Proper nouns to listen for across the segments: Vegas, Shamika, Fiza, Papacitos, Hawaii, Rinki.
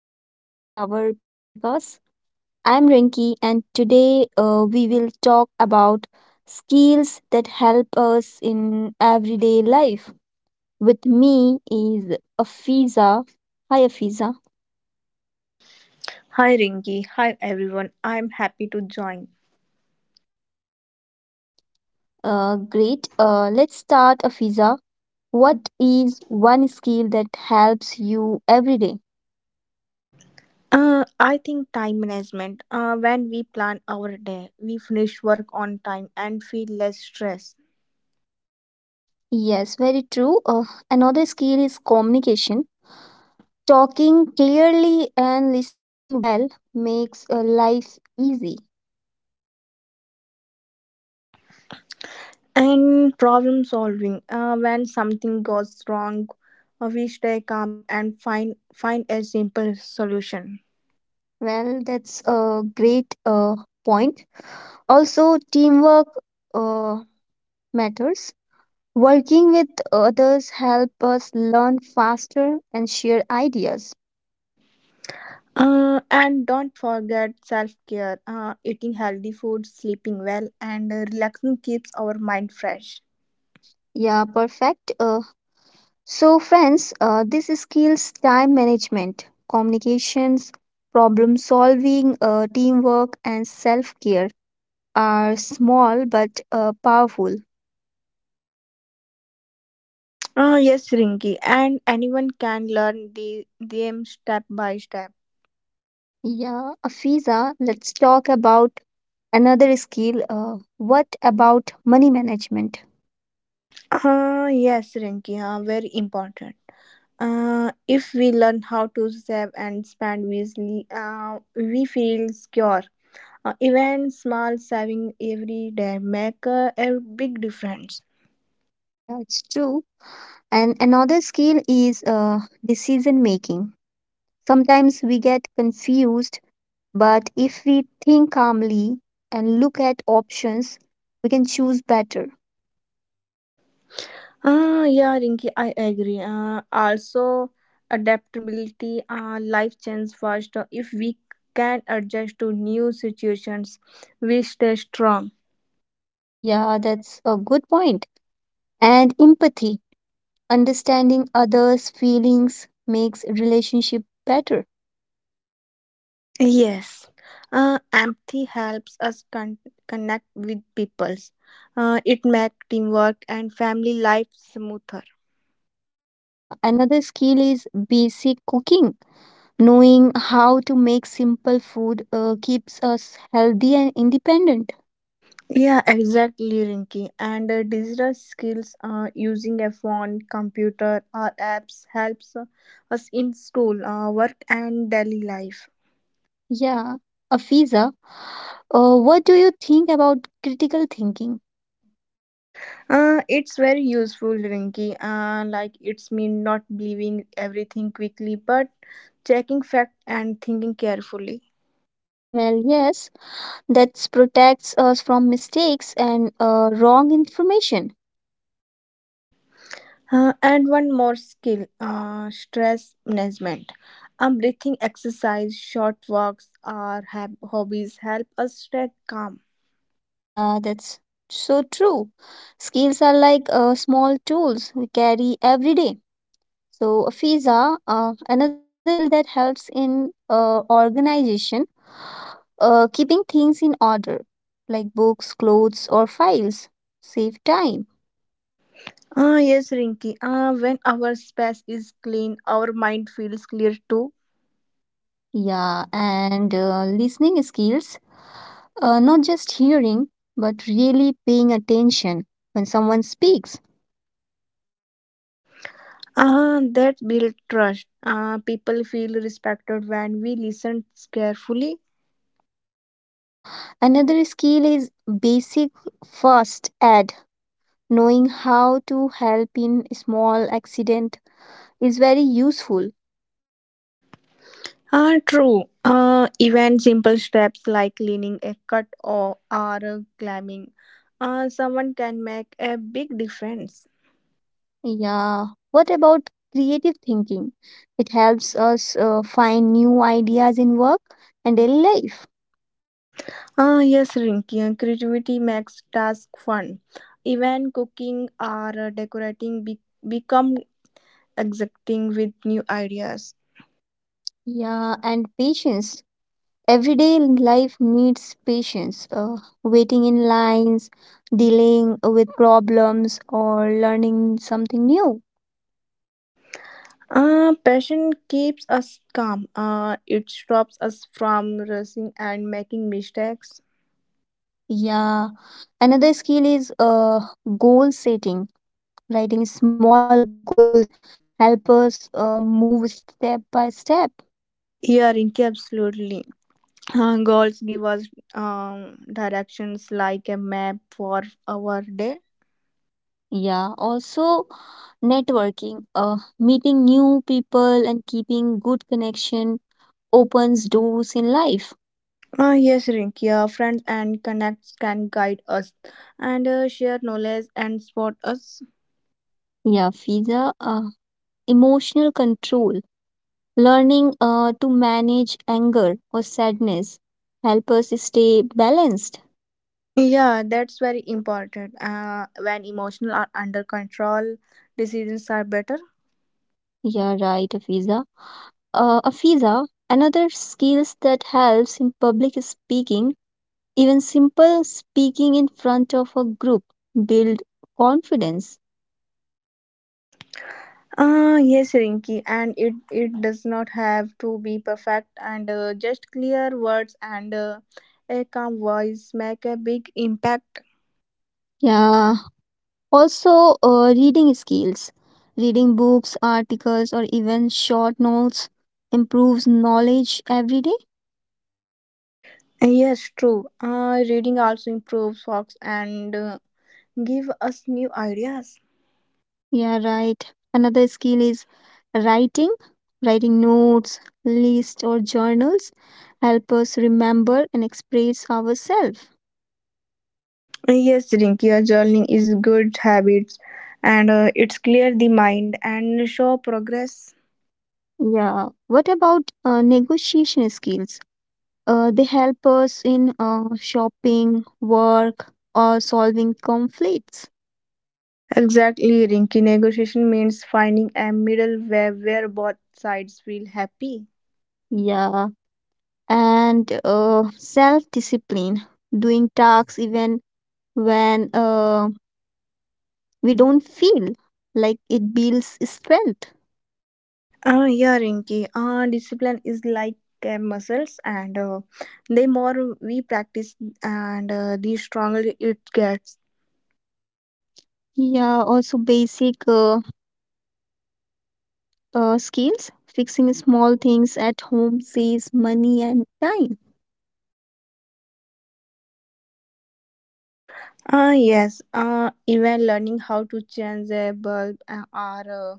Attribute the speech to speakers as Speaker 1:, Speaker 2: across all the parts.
Speaker 1: Welcome to our podcast. I'm Rinki, and today we will talk about skills that help us in everyday life. With me is Afiza. Hi, Afiza.
Speaker 2: Hi Rinki. Hi everyone. I'm happy to join.
Speaker 1: Great. Let's start, Afiza. What is one skill that helps you every day?
Speaker 2: I think time management. When we plan our day, we finish work on time and feel less stress.
Speaker 1: Yes, very true. Another skill is communication. Talking clearly and listening well makes life easy.
Speaker 2: And problem solving. When something goes wrong, we stay calm and find a simple solution.
Speaker 1: Well, that's a great point. Also, teamwork uh, matters. Working with others help us learn faster and share ideas.
Speaker 2: And don't forget self care. Eating healthy food, sleeping well, and relaxing keeps our mind fresh.
Speaker 1: Yeah, perfect. So, friends, this skills time management, communications, problem solving, teamwork, and self care are small but powerful.
Speaker 2: Yes, Rinky, and anyone can learn the them step by step.
Speaker 1: Yeah, Afiza, let's talk about another skill. What about money management?
Speaker 2: Yes, Rinky, very important. If we learn how to save and spend wisely, we feel secure. Even small saving every day make a big difference.
Speaker 1: Yeah, it's true. And another skill is decision making. Sometimes we get confused, but if we think calmly and look at options, we can choose better.
Speaker 2: Yeah, Rinky, I agree. Also, adaptability, life changes fast. If we can adjust to new situations, we stay strong.
Speaker 1: Yeah, that's a good point. And empathy, understanding others' feelings makes relationship better.
Speaker 2: Yes, empathy helps us connect with peoples. It makes teamwork and family life smoother.
Speaker 1: Yeah, another skill is basic cooking. Knowing how to make simple food keeps us healthy and independent.
Speaker 2: Yeah, exactly, Rinky. And digital skills, using a phone, computer, or apps helps us in school, work, and daily life.
Speaker 1: Yeah, Afiza, what do you think about critical thinking?
Speaker 2: It's very useful, Rinky. Like it's mean not believing everything quickly, but checking fact and thinking carefully.
Speaker 1: Well, yes, that protects us from mistakes and wrong information.
Speaker 2: And one more skill stress management. Breathing exercise, short walks, or hobbies help us stay calm.
Speaker 1: Yeah, that's so true. Skills are like small tools we carry every day. So, Afiza, another skill that helps in organization, keeping things in order like books, clothes, or files. Save time.
Speaker 2: Yes, Rinki. When our space is clean, our mind feels clear too.
Speaker 1: Yeah, and listening skills, not just hearing, but really paying attention when someone speaks.
Speaker 2: That builds trust. People feel respected when we listen carefully.
Speaker 1: Yeah, another skill is basic first aid. Knowing how to help in small accident is very useful.
Speaker 2: True. Even simple steps like cleaning a cut or climbing, someone can make a big difference.
Speaker 1: Yeah. What about creative thinking? It helps us find new ideas in work and daily life.
Speaker 2: Yes, Rinky, and creativity makes task fun. Even cooking or decorating become exciting with new ideas.
Speaker 1: Yeah, and patience. Everyday life needs patience. Waiting in lines, dealing with problems, or learning something new.
Speaker 2: Passion keeps us calm. It stops us from rushing and making mistakes.
Speaker 1: Yeah. Another skill is goal setting. Writing small goals help us move step by step.
Speaker 2: Yeah, Rinky, absolutely. Goals give us directions like a map for our day.
Speaker 1: Yeah, also networking, meeting new people and keeping good connection opens doors in life.
Speaker 2: Yes, Rinky, friends and connects can guide us and share knowledge and support us.
Speaker 1: Yeah, Fiza, emotional control, learning to manage anger or sadness help us stay balanced.
Speaker 2: Yeah, that's very important. When emotional are under control, decisions are better.
Speaker 1: Yeah, right, Afiza. Afiza, another skills that helps in public speaking, even simple speaking in front of a group build confidence.
Speaker 2: Yes, Rinky, and it does not have to be perfect. And just clear words and a calm voice make a big impact.
Speaker 1: Yeah, also, reading skills. Reading books, articles, or even short notes improves knowledge every day.
Speaker 2: Yes, true. Reading also improves focus and give us new ideas.
Speaker 1: Yeah, right. Another skill is writing. Writing notes, lists, or journals help us remember and express ourselves.
Speaker 2: Yes, Rinki, your journaling is good habits, and it's clear the mind and show progress.
Speaker 1: Yeah. What about negotiation skills? They help us in shopping, work, or solving conflicts.
Speaker 2: Exactly, Rinky. Negotiation means finding a middle way where both sides feel happy.
Speaker 1: Yeah. And self discipline, doing tasks even when we don't feel like it builds strength.
Speaker 2: Yeah, Rinky. Discipline is like muscles, and the more we practice, and the stronger it gets.
Speaker 1: Yeah, also basic skills fixing small things at home saves money and time.
Speaker 2: Ah, yes. Even learning how to change a bulb or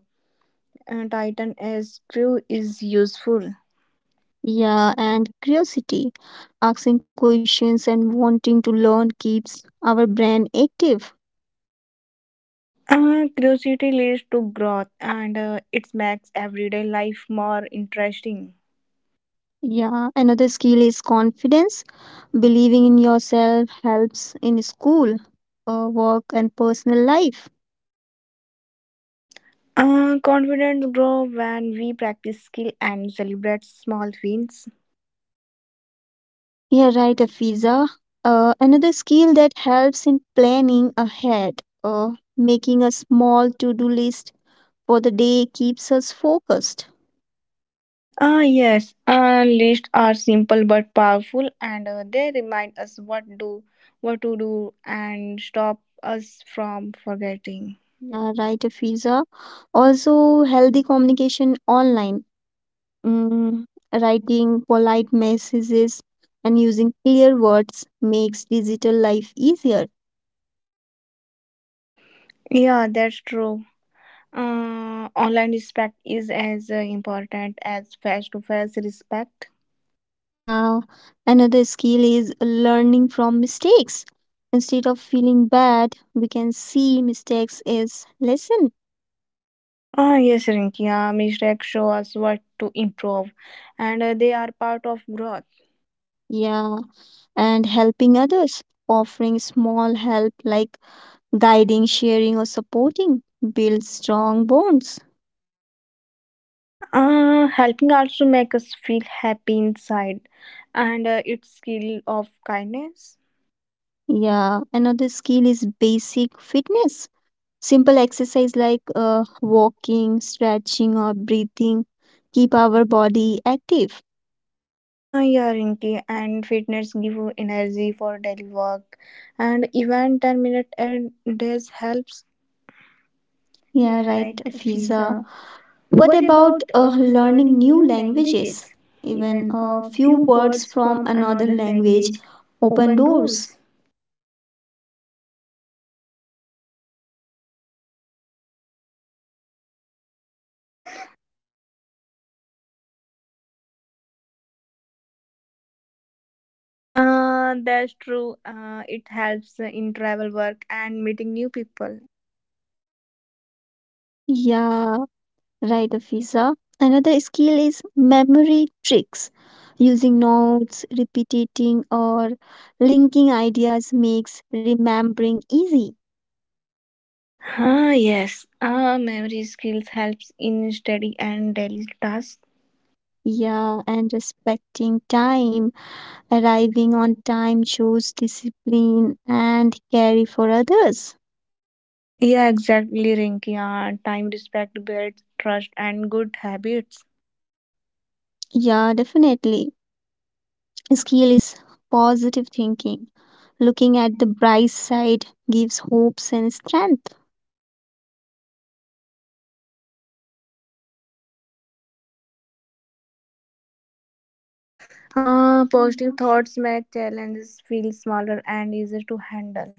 Speaker 2: tighten a screw is useful.
Speaker 1: Yeah, and curiosity. Asking questions and wanting to learn keeps our brain active.
Speaker 2: Curiosity leads to growth, and it makes everyday life more interesting.
Speaker 1: Yeah, another skill is confidence. Believing in yourself helps in school, work, and personal life.
Speaker 2: Confidence grow when we practice skill and celebrate small wins.
Speaker 1: Yeah, right, Afiza. Another skill that helps in planning ahead, making a small to do list for the day keeps us focused.
Speaker 2: Ah yes, lists are simple but powerful, and they remind us what to do and stop us from forgetting.
Speaker 1: Yeah, right, Afiza. Also, healthy communication online. Mm, writing polite messages and using clear words makes digital life easier.
Speaker 2: Yeah, that's true. Online respect is as important as face to face respect.
Speaker 1: Yeah. Another skill is learning from mistakes. Instead of feeling bad, we can see mistakes as lesson.
Speaker 2: Yes, Rinkia, mistakes show us what to improve, and they are part of growth.
Speaker 1: Yeah. And helping others, offering small help like guiding, sharing, or supporting builds strong bonds.
Speaker 2: Helping also make us feel happy inside, and it's skill of kindness.
Speaker 1: Yeah. Another skill is basic fitness. Simple exercise like walking, stretching, or breathing keep our body active.
Speaker 2: Yeah, Rinki, and fitness give you energy for daily work, and even 10 minute and days helps. Yeah,
Speaker 1: Yeah, right,
Speaker 2: right,
Speaker 1: Fiza.
Speaker 2: Fiza.
Speaker 1: What
Speaker 2: What about
Speaker 1: about learning
Speaker 2: learning
Speaker 1: new
Speaker 2: new languages?
Speaker 1: languages? Even
Speaker 2: Even
Speaker 1: a
Speaker 2: a few
Speaker 1: few
Speaker 2: words
Speaker 1: words from
Speaker 2: from another
Speaker 1: another language
Speaker 2: language open
Speaker 1: open doors.
Speaker 2: doors. That's true. It helps in travel work and meeting new people.
Speaker 1: Yeah, right, Fiza. Another skill is memory tricks. Using notes, repeating, or linking ideas makes remembering easy.
Speaker 2: Ah, yes. Memory skills helps in study and daily tasks.
Speaker 1: Yeah, and respecting time, arriving on time shows discipline and care for others.
Speaker 2: Yeah, exactly, Rinky. Time respect.
Speaker 1: Yeah, definitely. Skill is positive thinking. Looking at the bright side gives hopes and strength.
Speaker 2: Positive thoughts make challenges feel smaller and easier to handle.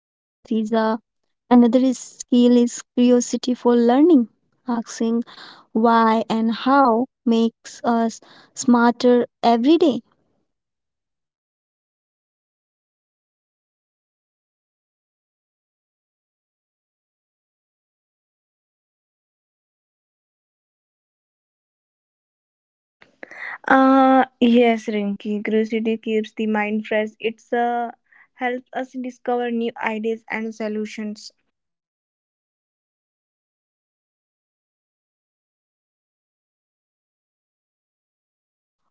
Speaker 1: Yeah, Fiza. Another is skill is curiosity for learning. Asking why and how makes us smarter every day.
Speaker 3: Yes, Rinki, curiosity keeps the mind fresh. It's helps us discover new ideas and solutions.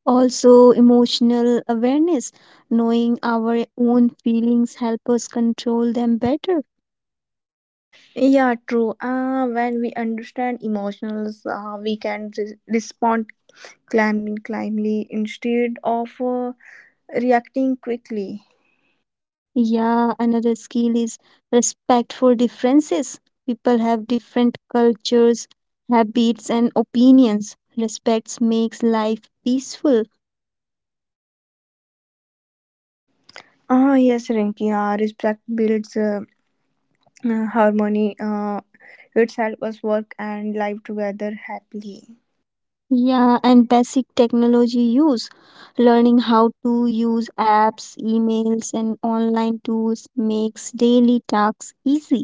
Speaker 1: Also, emotional awareness, knowing our own feelings, help us control them better.
Speaker 3: Yeah, true. When we understand emotions, we can respond calmly instead of reacting quickly.
Speaker 1: Yeah, another skill is respect for differences. People have different cultures, habits, and opinions. Respect makes life peaceful.
Speaker 3: Yes, Rinki. Respect builds harmony. It helps us work and live together happily.
Speaker 1: Yeah, and basic technology use. Learning how to use apps, emails, and online tools makes daily tasks easy.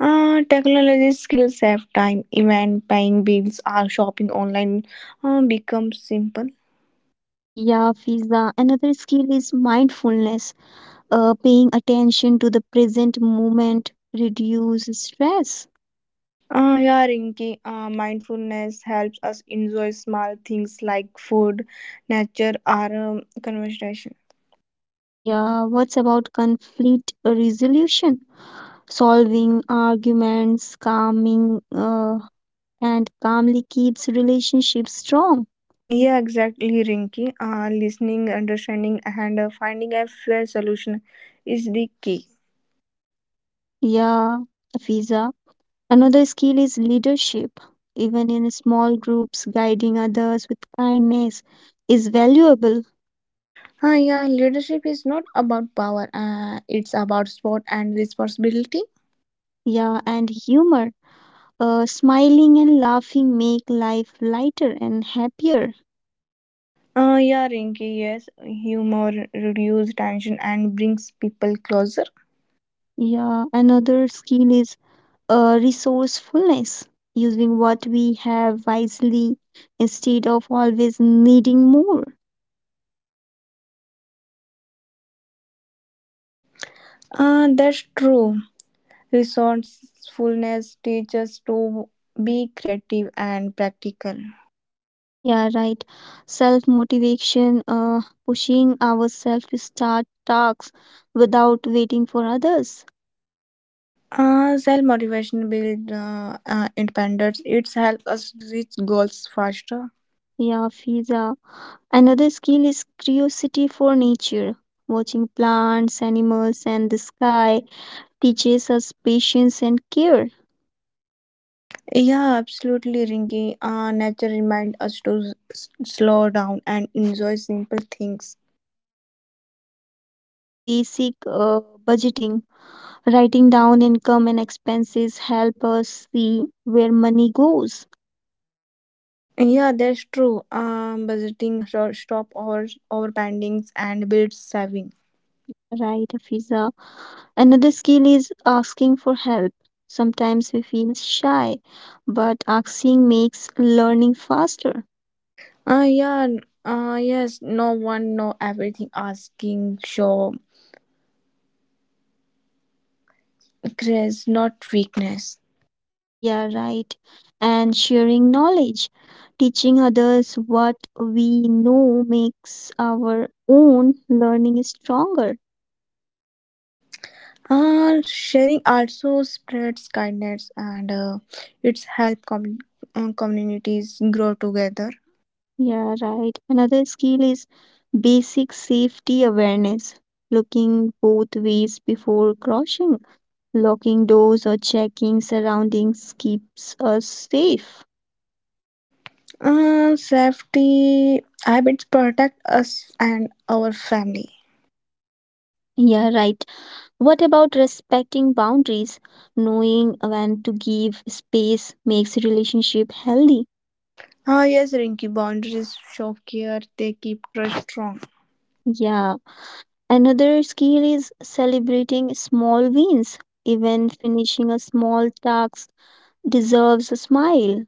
Speaker 3: Technology skills save time, even paying bills or shopping online becomes simple.
Speaker 1: Yeah, Fiza. Another skill is mindfulness, paying attention to the present moment, reduce stress.
Speaker 3: Yeah, Rinki, mindfulness helps us enjoy small things like food, nature, or conversation.
Speaker 1: Yeah, what's about conflict resolution? Solving arguments, calming, and calmly keeps relationships strong.
Speaker 3: Yeah, exactly, Rinki. Listening, understanding, and finding a fair solution is the key.
Speaker 1: Yeah, Fiza. Another skill is leadership. Even in small groups, guiding others with kindness is valuable.
Speaker 3: Yeah, leadership is not about power, it's about sport and responsibility.
Speaker 1: Yeah, and humor. Smiling and laughing make life lighter and happier.
Speaker 3: Yeah, Rinki. Yes, humor reduces tension and brings people closer.
Speaker 1: Yeah, another skill is resourcefulness, using what we have wisely instead of always needing more.
Speaker 3: That's true. Resourcefulness teaches to be creative and practical.
Speaker 1: Yeah, right. Self motivation, pushing ourselves to start tasks without waiting for others.
Speaker 3: Self motivation builds independence. It helps us reach goals faster.
Speaker 1: Yeah, Fiza. Another skill is curiosity for nature, watching plants, animals, and the sky teaches us patience and care.
Speaker 3: Yeah, absolutely, Rinki. Nature reminds us to slow down and enjoy simple things.
Speaker 1: Also, basic budgeting, writing down income and expenses help us see where money goes.
Speaker 3: Yeah, that's true. Budgeting, short stop over overspendings, and builds saving.
Speaker 1: Yeah, right, Afiza. Another skill is asking for help. Sometimes we feel shy, but asking makes learning faster.
Speaker 3: Ah, yeah. Yes. No one know everything. Asking show grace, not weakness.
Speaker 1: Yeah, right. And sharing knowledge. Teaching others what we know makes our own learning stronger.
Speaker 3: Sharing also spreads kindness, and it's help communities grow together.
Speaker 1: Yeah, right. Another skill is basic safety awareness, looking both ways before crossing, locking doors or checking surroundings keeps us safe.
Speaker 3: Safety habits protect us and our family.
Speaker 1: Yeah, right. What about respecting boundaries? Knowing when to give space makes relationship healthy.
Speaker 3: Yes, Rinky. Boundaries show care. They keep trust strong.
Speaker 1: Yeah. Another skill is celebrating small wins. Even finishing a small task deserves a smile.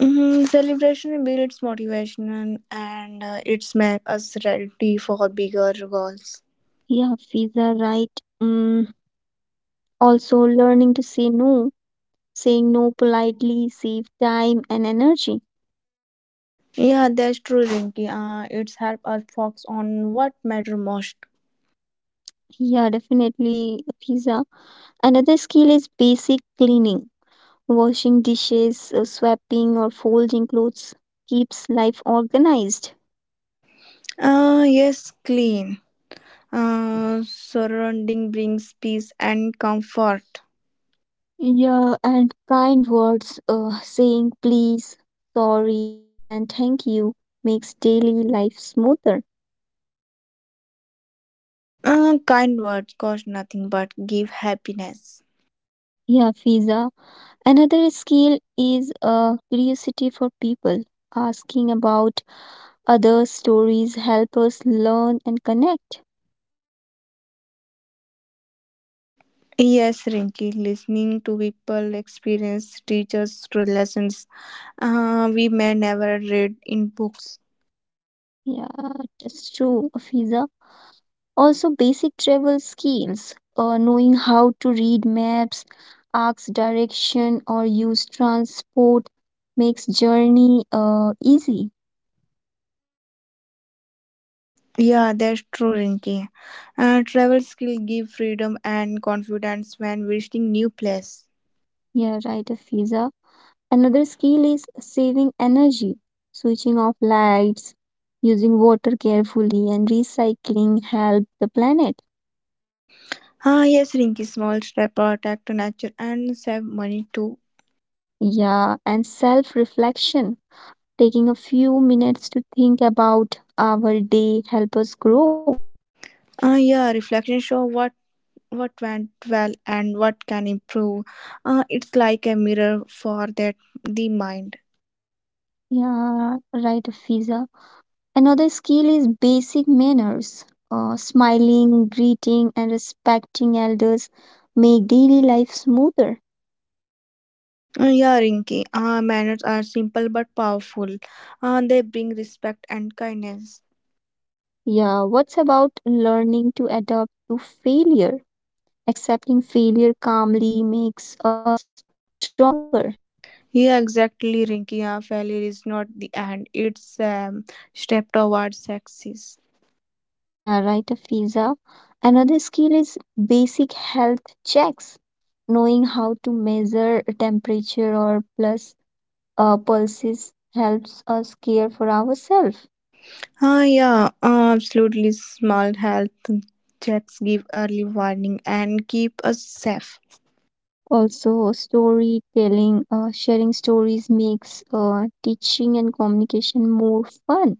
Speaker 3: Mm, celebration builds motivation and it's make us ready for bigger goals.
Speaker 1: Yeah, Fiza, right. Mm, also, learning to say no, saying no politely save time and energy.
Speaker 3: Yeah, that's true, Rinky. It's help us focus on what matter most.
Speaker 1: Yeah, definitely, Fiza. Another skill is basic cleaning, washing dishes, swapping, or folding clothes keeps life organized.
Speaker 3: Yes, clean. Surrounding brings peace and comfort.
Speaker 1: Yeah, and kind words, saying please, sorry, and thank you makes daily life smoother.
Speaker 3: Kind words cost nothing but give happiness.
Speaker 1: Yeah, Fiza. Another skill is a curiosity for people. Asking about other stories help us learn and connect.
Speaker 3: Yes, Rinky, listening to people experience teachers' lessons we may never read in books.
Speaker 1: Yeah, that's true, Afiza. Also, basic travel skills, knowing how to read maps, ask direction, or use transport makes journey easy.
Speaker 3: Yeah, that's true, Rinki. Travel skill give freedom and confidence when visiting new place.
Speaker 1: Yeah, right, Afiza. Another skill is saving energy, switching off lights, using water carefully, and recycling help the planet.
Speaker 3: Yes, Rinki. Small step protect nature and save money too.
Speaker 1: Yeah, and self reflection, taking a few minutes to think about our day, help us grow.
Speaker 3: Yeah. Reflection show what went well and what can improve. It's like a mirror for that the mind.
Speaker 1: Yeah, right, Fiza. Another skill is basic manners, smiling, greeting, and respecting elders make daily life smoother.
Speaker 3: Yeah, Rinki. Manners are simple but powerful. They bring respect and kindness.
Speaker 1: Yeah, what's about learning to adapt to failure? Accepting failure calmly makes us stronger.
Speaker 3: Yeah, exactly, Rinky. Our failure is not the end, it's a step towards success.
Speaker 1: Yeah, right, Afiza. Another skill is basic health checks. Knowing how to measure temperature or plus pulses helps us care for ourselves.
Speaker 3: Yeah, absolutely. Small health checks give early warning and keep us safe.
Speaker 1: Also, storytelling, sharing stories makes teaching and communication more fun.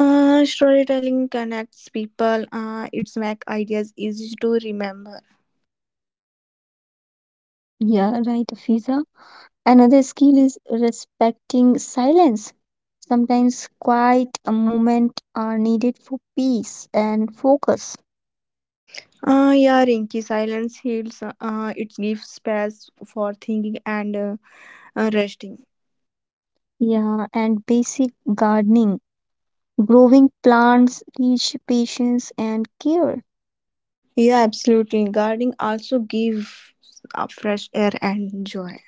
Speaker 3: Storytelling connects people, it's make ideas easy to remember.
Speaker 1: Yeah, right, Afiza. Another skill is respecting silence. Sometimes quiet a moment are needed for peace and focus.
Speaker 3: Yeah, Rinky, silence heals, it gives space for thinking and resting.
Speaker 1: Yeah, and basic gardening. Growing plants teach patience and care.
Speaker 3: Yeah, absolutely. Gardening also gives fresh air and joy.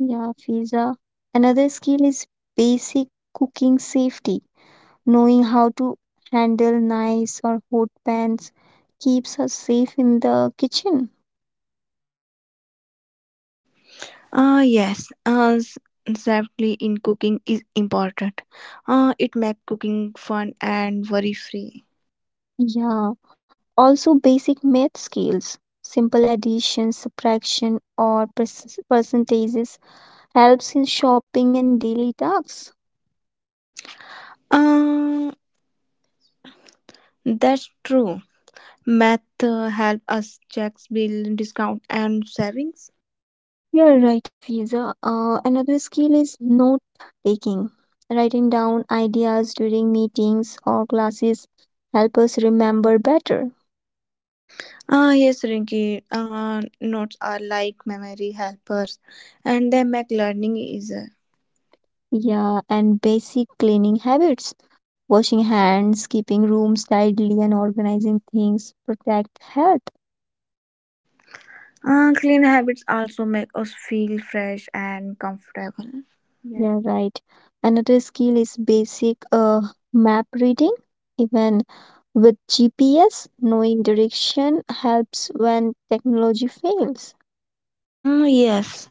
Speaker 1: Yeah, Fiza. Another skill is basic cooking safety. Knowing how to handle knives or hot pans keeps us safe in the kitchen.
Speaker 3: Yes, safely in cooking is important. It makes cooking fun and worry free.
Speaker 1: Yeah. Also, basic math skills, simple addition, subtraction, or percentages helps in shopping and daily tasks.
Speaker 3: Uh, that's true. Math help us check bill, discount, and savings.
Speaker 1: You're right, Afiza. Another skill is note taking. Writing down ideas during meetings or classes help us remember better.
Speaker 3: Yes, Rinky. Notes are like memory helpers, and they make learning easier.
Speaker 1: Yeah, and basic cleaning habits, washing hands, keeping rooms tidy, and organizing things protect health.
Speaker 3: Clean habits also make us feel fresh and comfortable. Yeah.
Speaker 1: Yeah, right. Another skill is basic map reading. Even with GPS, knowing direction helps when technology fails.
Speaker 3: Mm, yes.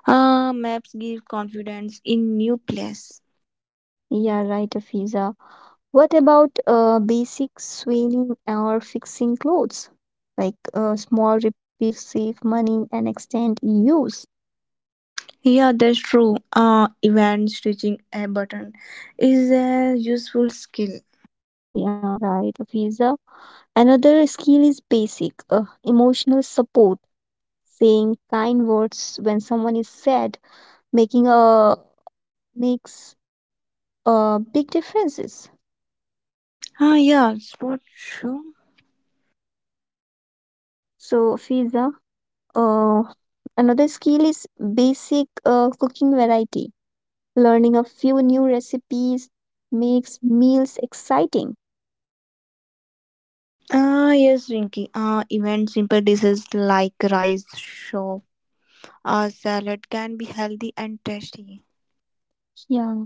Speaker 3: Maps give confidence in new place.
Speaker 1: Yeah, right, Afiza. What about basic sewing or fixing clothes? Like small repairs save money and extend use.
Speaker 3: Yeah, that's true. Even stitching a button is a useful skill.
Speaker 1: Yeah, right, Afiza. Another skill is basic emotional support, saying kind words when someone is sad making a makes a big differences.
Speaker 3: Yeah, spot show.
Speaker 1: So Fiza, uh, another skill is basic cooking variety. Learning a few new recipes makes meals exciting.
Speaker 3: Yes, Rinky. Even simple dishes like rice, shop, or salad can be healthy and tasty.
Speaker 1: Yeah.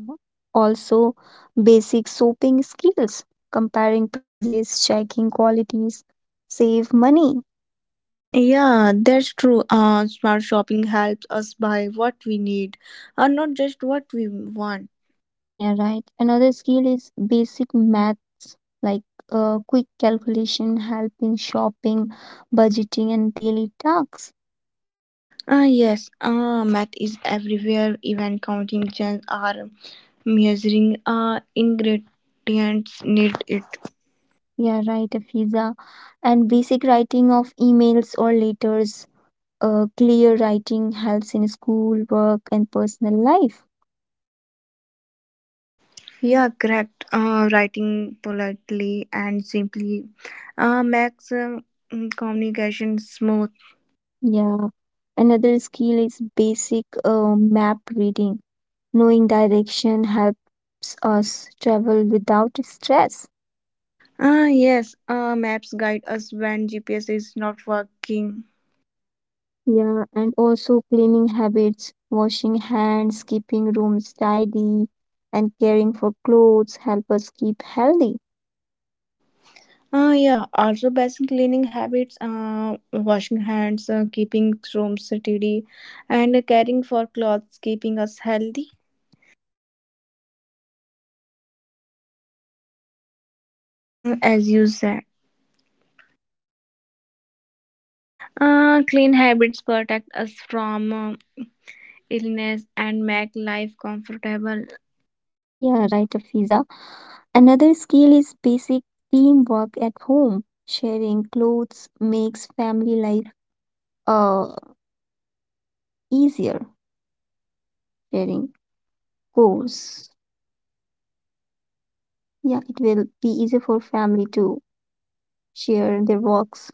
Speaker 1: Also, basic soaping skills, comparing prices, checking qualities, save money.
Speaker 3: Yeah, that's true. Smart shopping helps us buy what we need, and not just what we want.
Speaker 1: Yeah, right. Another skill is basic maths like quick calculation, help in shopping, budgeting, and daily tasks.
Speaker 3: Yes, math is everywhere. Even counting chance or measuring ingredients need it.
Speaker 1: Yeah, right, Afiza. And basic writing of emails or letters. Clear writing helps in school, work, and personal life.
Speaker 3: Yeah, correct. Writing politely and simply makes communication smooth.
Speaker 1: Yeah. Another skill is basic map reading. Knowing direction helps us travel without stress.
Speaker 3: Yes, maps guide us when GPS is not working.
Speaker 1: Yeah, and also cleaning habits, washing hands, keeping rooms tidy, and caring for clothes help us keep healthy.
Speaker 3: Yeah, also basic cleaning habits, washing hands, keeping rooms tidy, and caring for clothes, keeping us healthy. Mm, as you said. Clean habits protect us from illness and make life comfortable.
Speaker 1: Yeah, right, Afiza. Another skill is basic teamwork at home. Sharing clothes makes family life uh easier. Sharing chores. Yeah, it will be easier for family to share their works.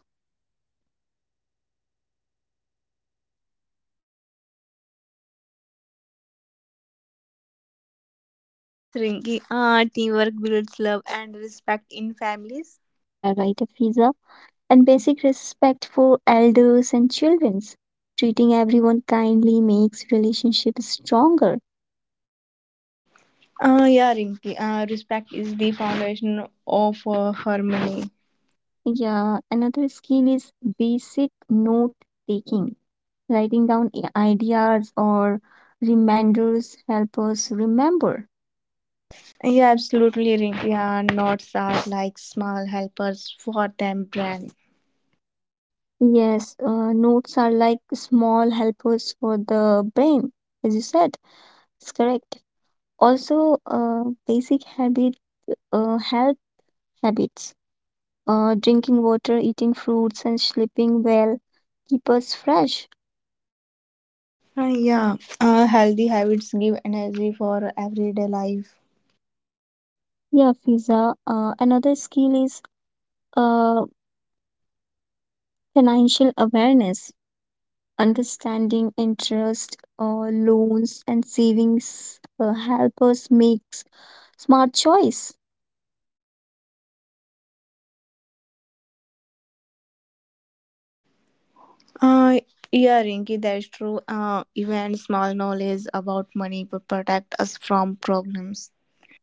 Speaker 3: Yes, Rinky. Teamwork builds love and respect in families.
Speaker 1: Yeah, right, Afiza. And basic respect for elders and children. Treating everyone kindly makes relationships stronger.
Speaker 3: Yeah, Rinky. Respect is the foundation of harmony.
Speaker 1: Yeah, another skill is basic note taking. Writing down ideas or reminders help us remember.
Speaker 3: Yeah, absolutely, Rinky. Notes are like small helpers for them brand.
Speaker 1: Yes, notes are like small helpers for the brain, as you said. It's correct. Also, basic habit, health habits. Drinking water, eating fruits, and sleeping well keep us fresh.
Speaker 3: Yeah, healthy habits give energy for everyday life.
Speaker 1: Yeah, Fiza. Another skill is uh, financial awareness, understanding interest, loans, and savings help us make smart choice.
Speaker 3: Uh, yeah, Rinki, that is true. Even small knowledge about money will protect us from problems.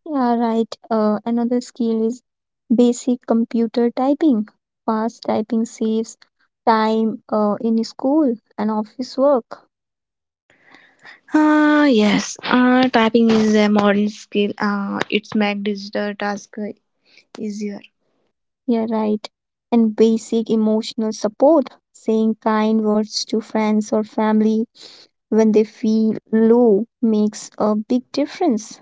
Speaker 1: Yeah, right. Another skill is basic computer typing. Fast typing saves time in school and office work.
Speaker 3: Yes, typing is a modern skill. It's make digital task easier.
Speaker 1: Yeah, right. And basic emotional support, saying kind words to friends or family when they feel low makes a big difference.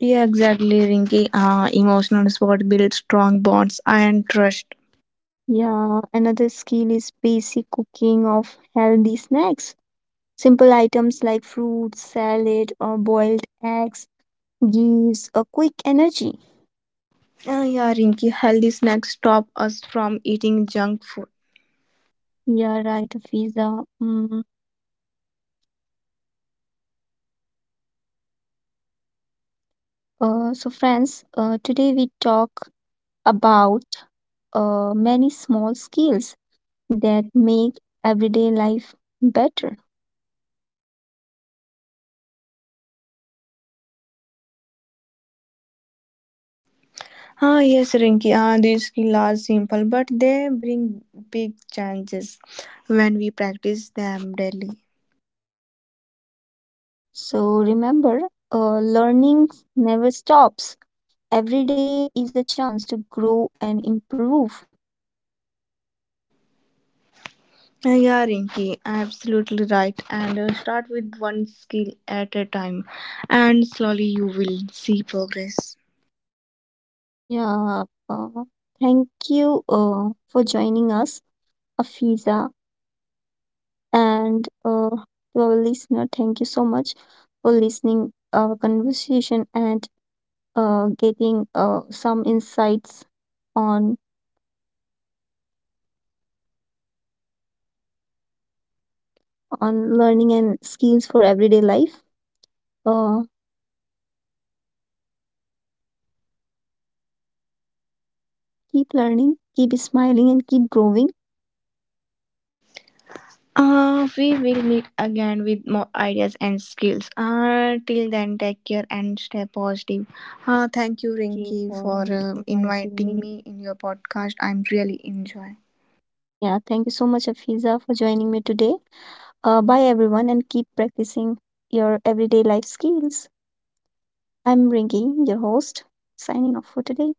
Speaker 3: Yeah, exactly, Rinki. Emotional support builds strong bonds and trust.
Speaker 1: Yeah, another skill is basic cooking of healthy snacks. Simple items like fruits, salad, or boiled eggs gives a quick energy.
Speaker 3: Yeah, Rinki, healthy snacks stop us from eating junk food.
Speaker 1: Yeah, right, Fiza. Mm. So, friends, today we talk about many small skills that make everyday life better.
Speaker 3: Yes, Rinki. These skills are simple, but they bring big changes when we practice them daily.
Speaker 1: So remember, learning never stops. Every day is a chance to grow and improve.
Speaker 3: Yeah, Rinki, absolutely right. And start with one skill at a time, and slowly you will see progress.
Speaker 1: Yeah, thank you for joining us, Afiza, and to our listener, thank you so much for listening our conversation and getting some insights on on learning and skills for everyday life. Uh, Keep learning, keep smiling, and keep growing.
Speaker 3: We will meet again with more ideas and skills. Till then, take care and stay positive.
Speaker 1: You,
Speaker 3: Thank you,
Speaker 1: Rinki,
Speaker 3: Rinki,
Speaker 1: for
Speaker 3: for
Speaker 1: inviting
Speaker 3: inviting
Speaker 1: me.
Speaker 3: me in your podcast. I'm really enjoying.
Speaker 1: Yeah, thank you so much, Afiza, for joining me today. Bye, everyone, and keep practicing your everyday life skills. I'm Rinki, your host, signing off for today.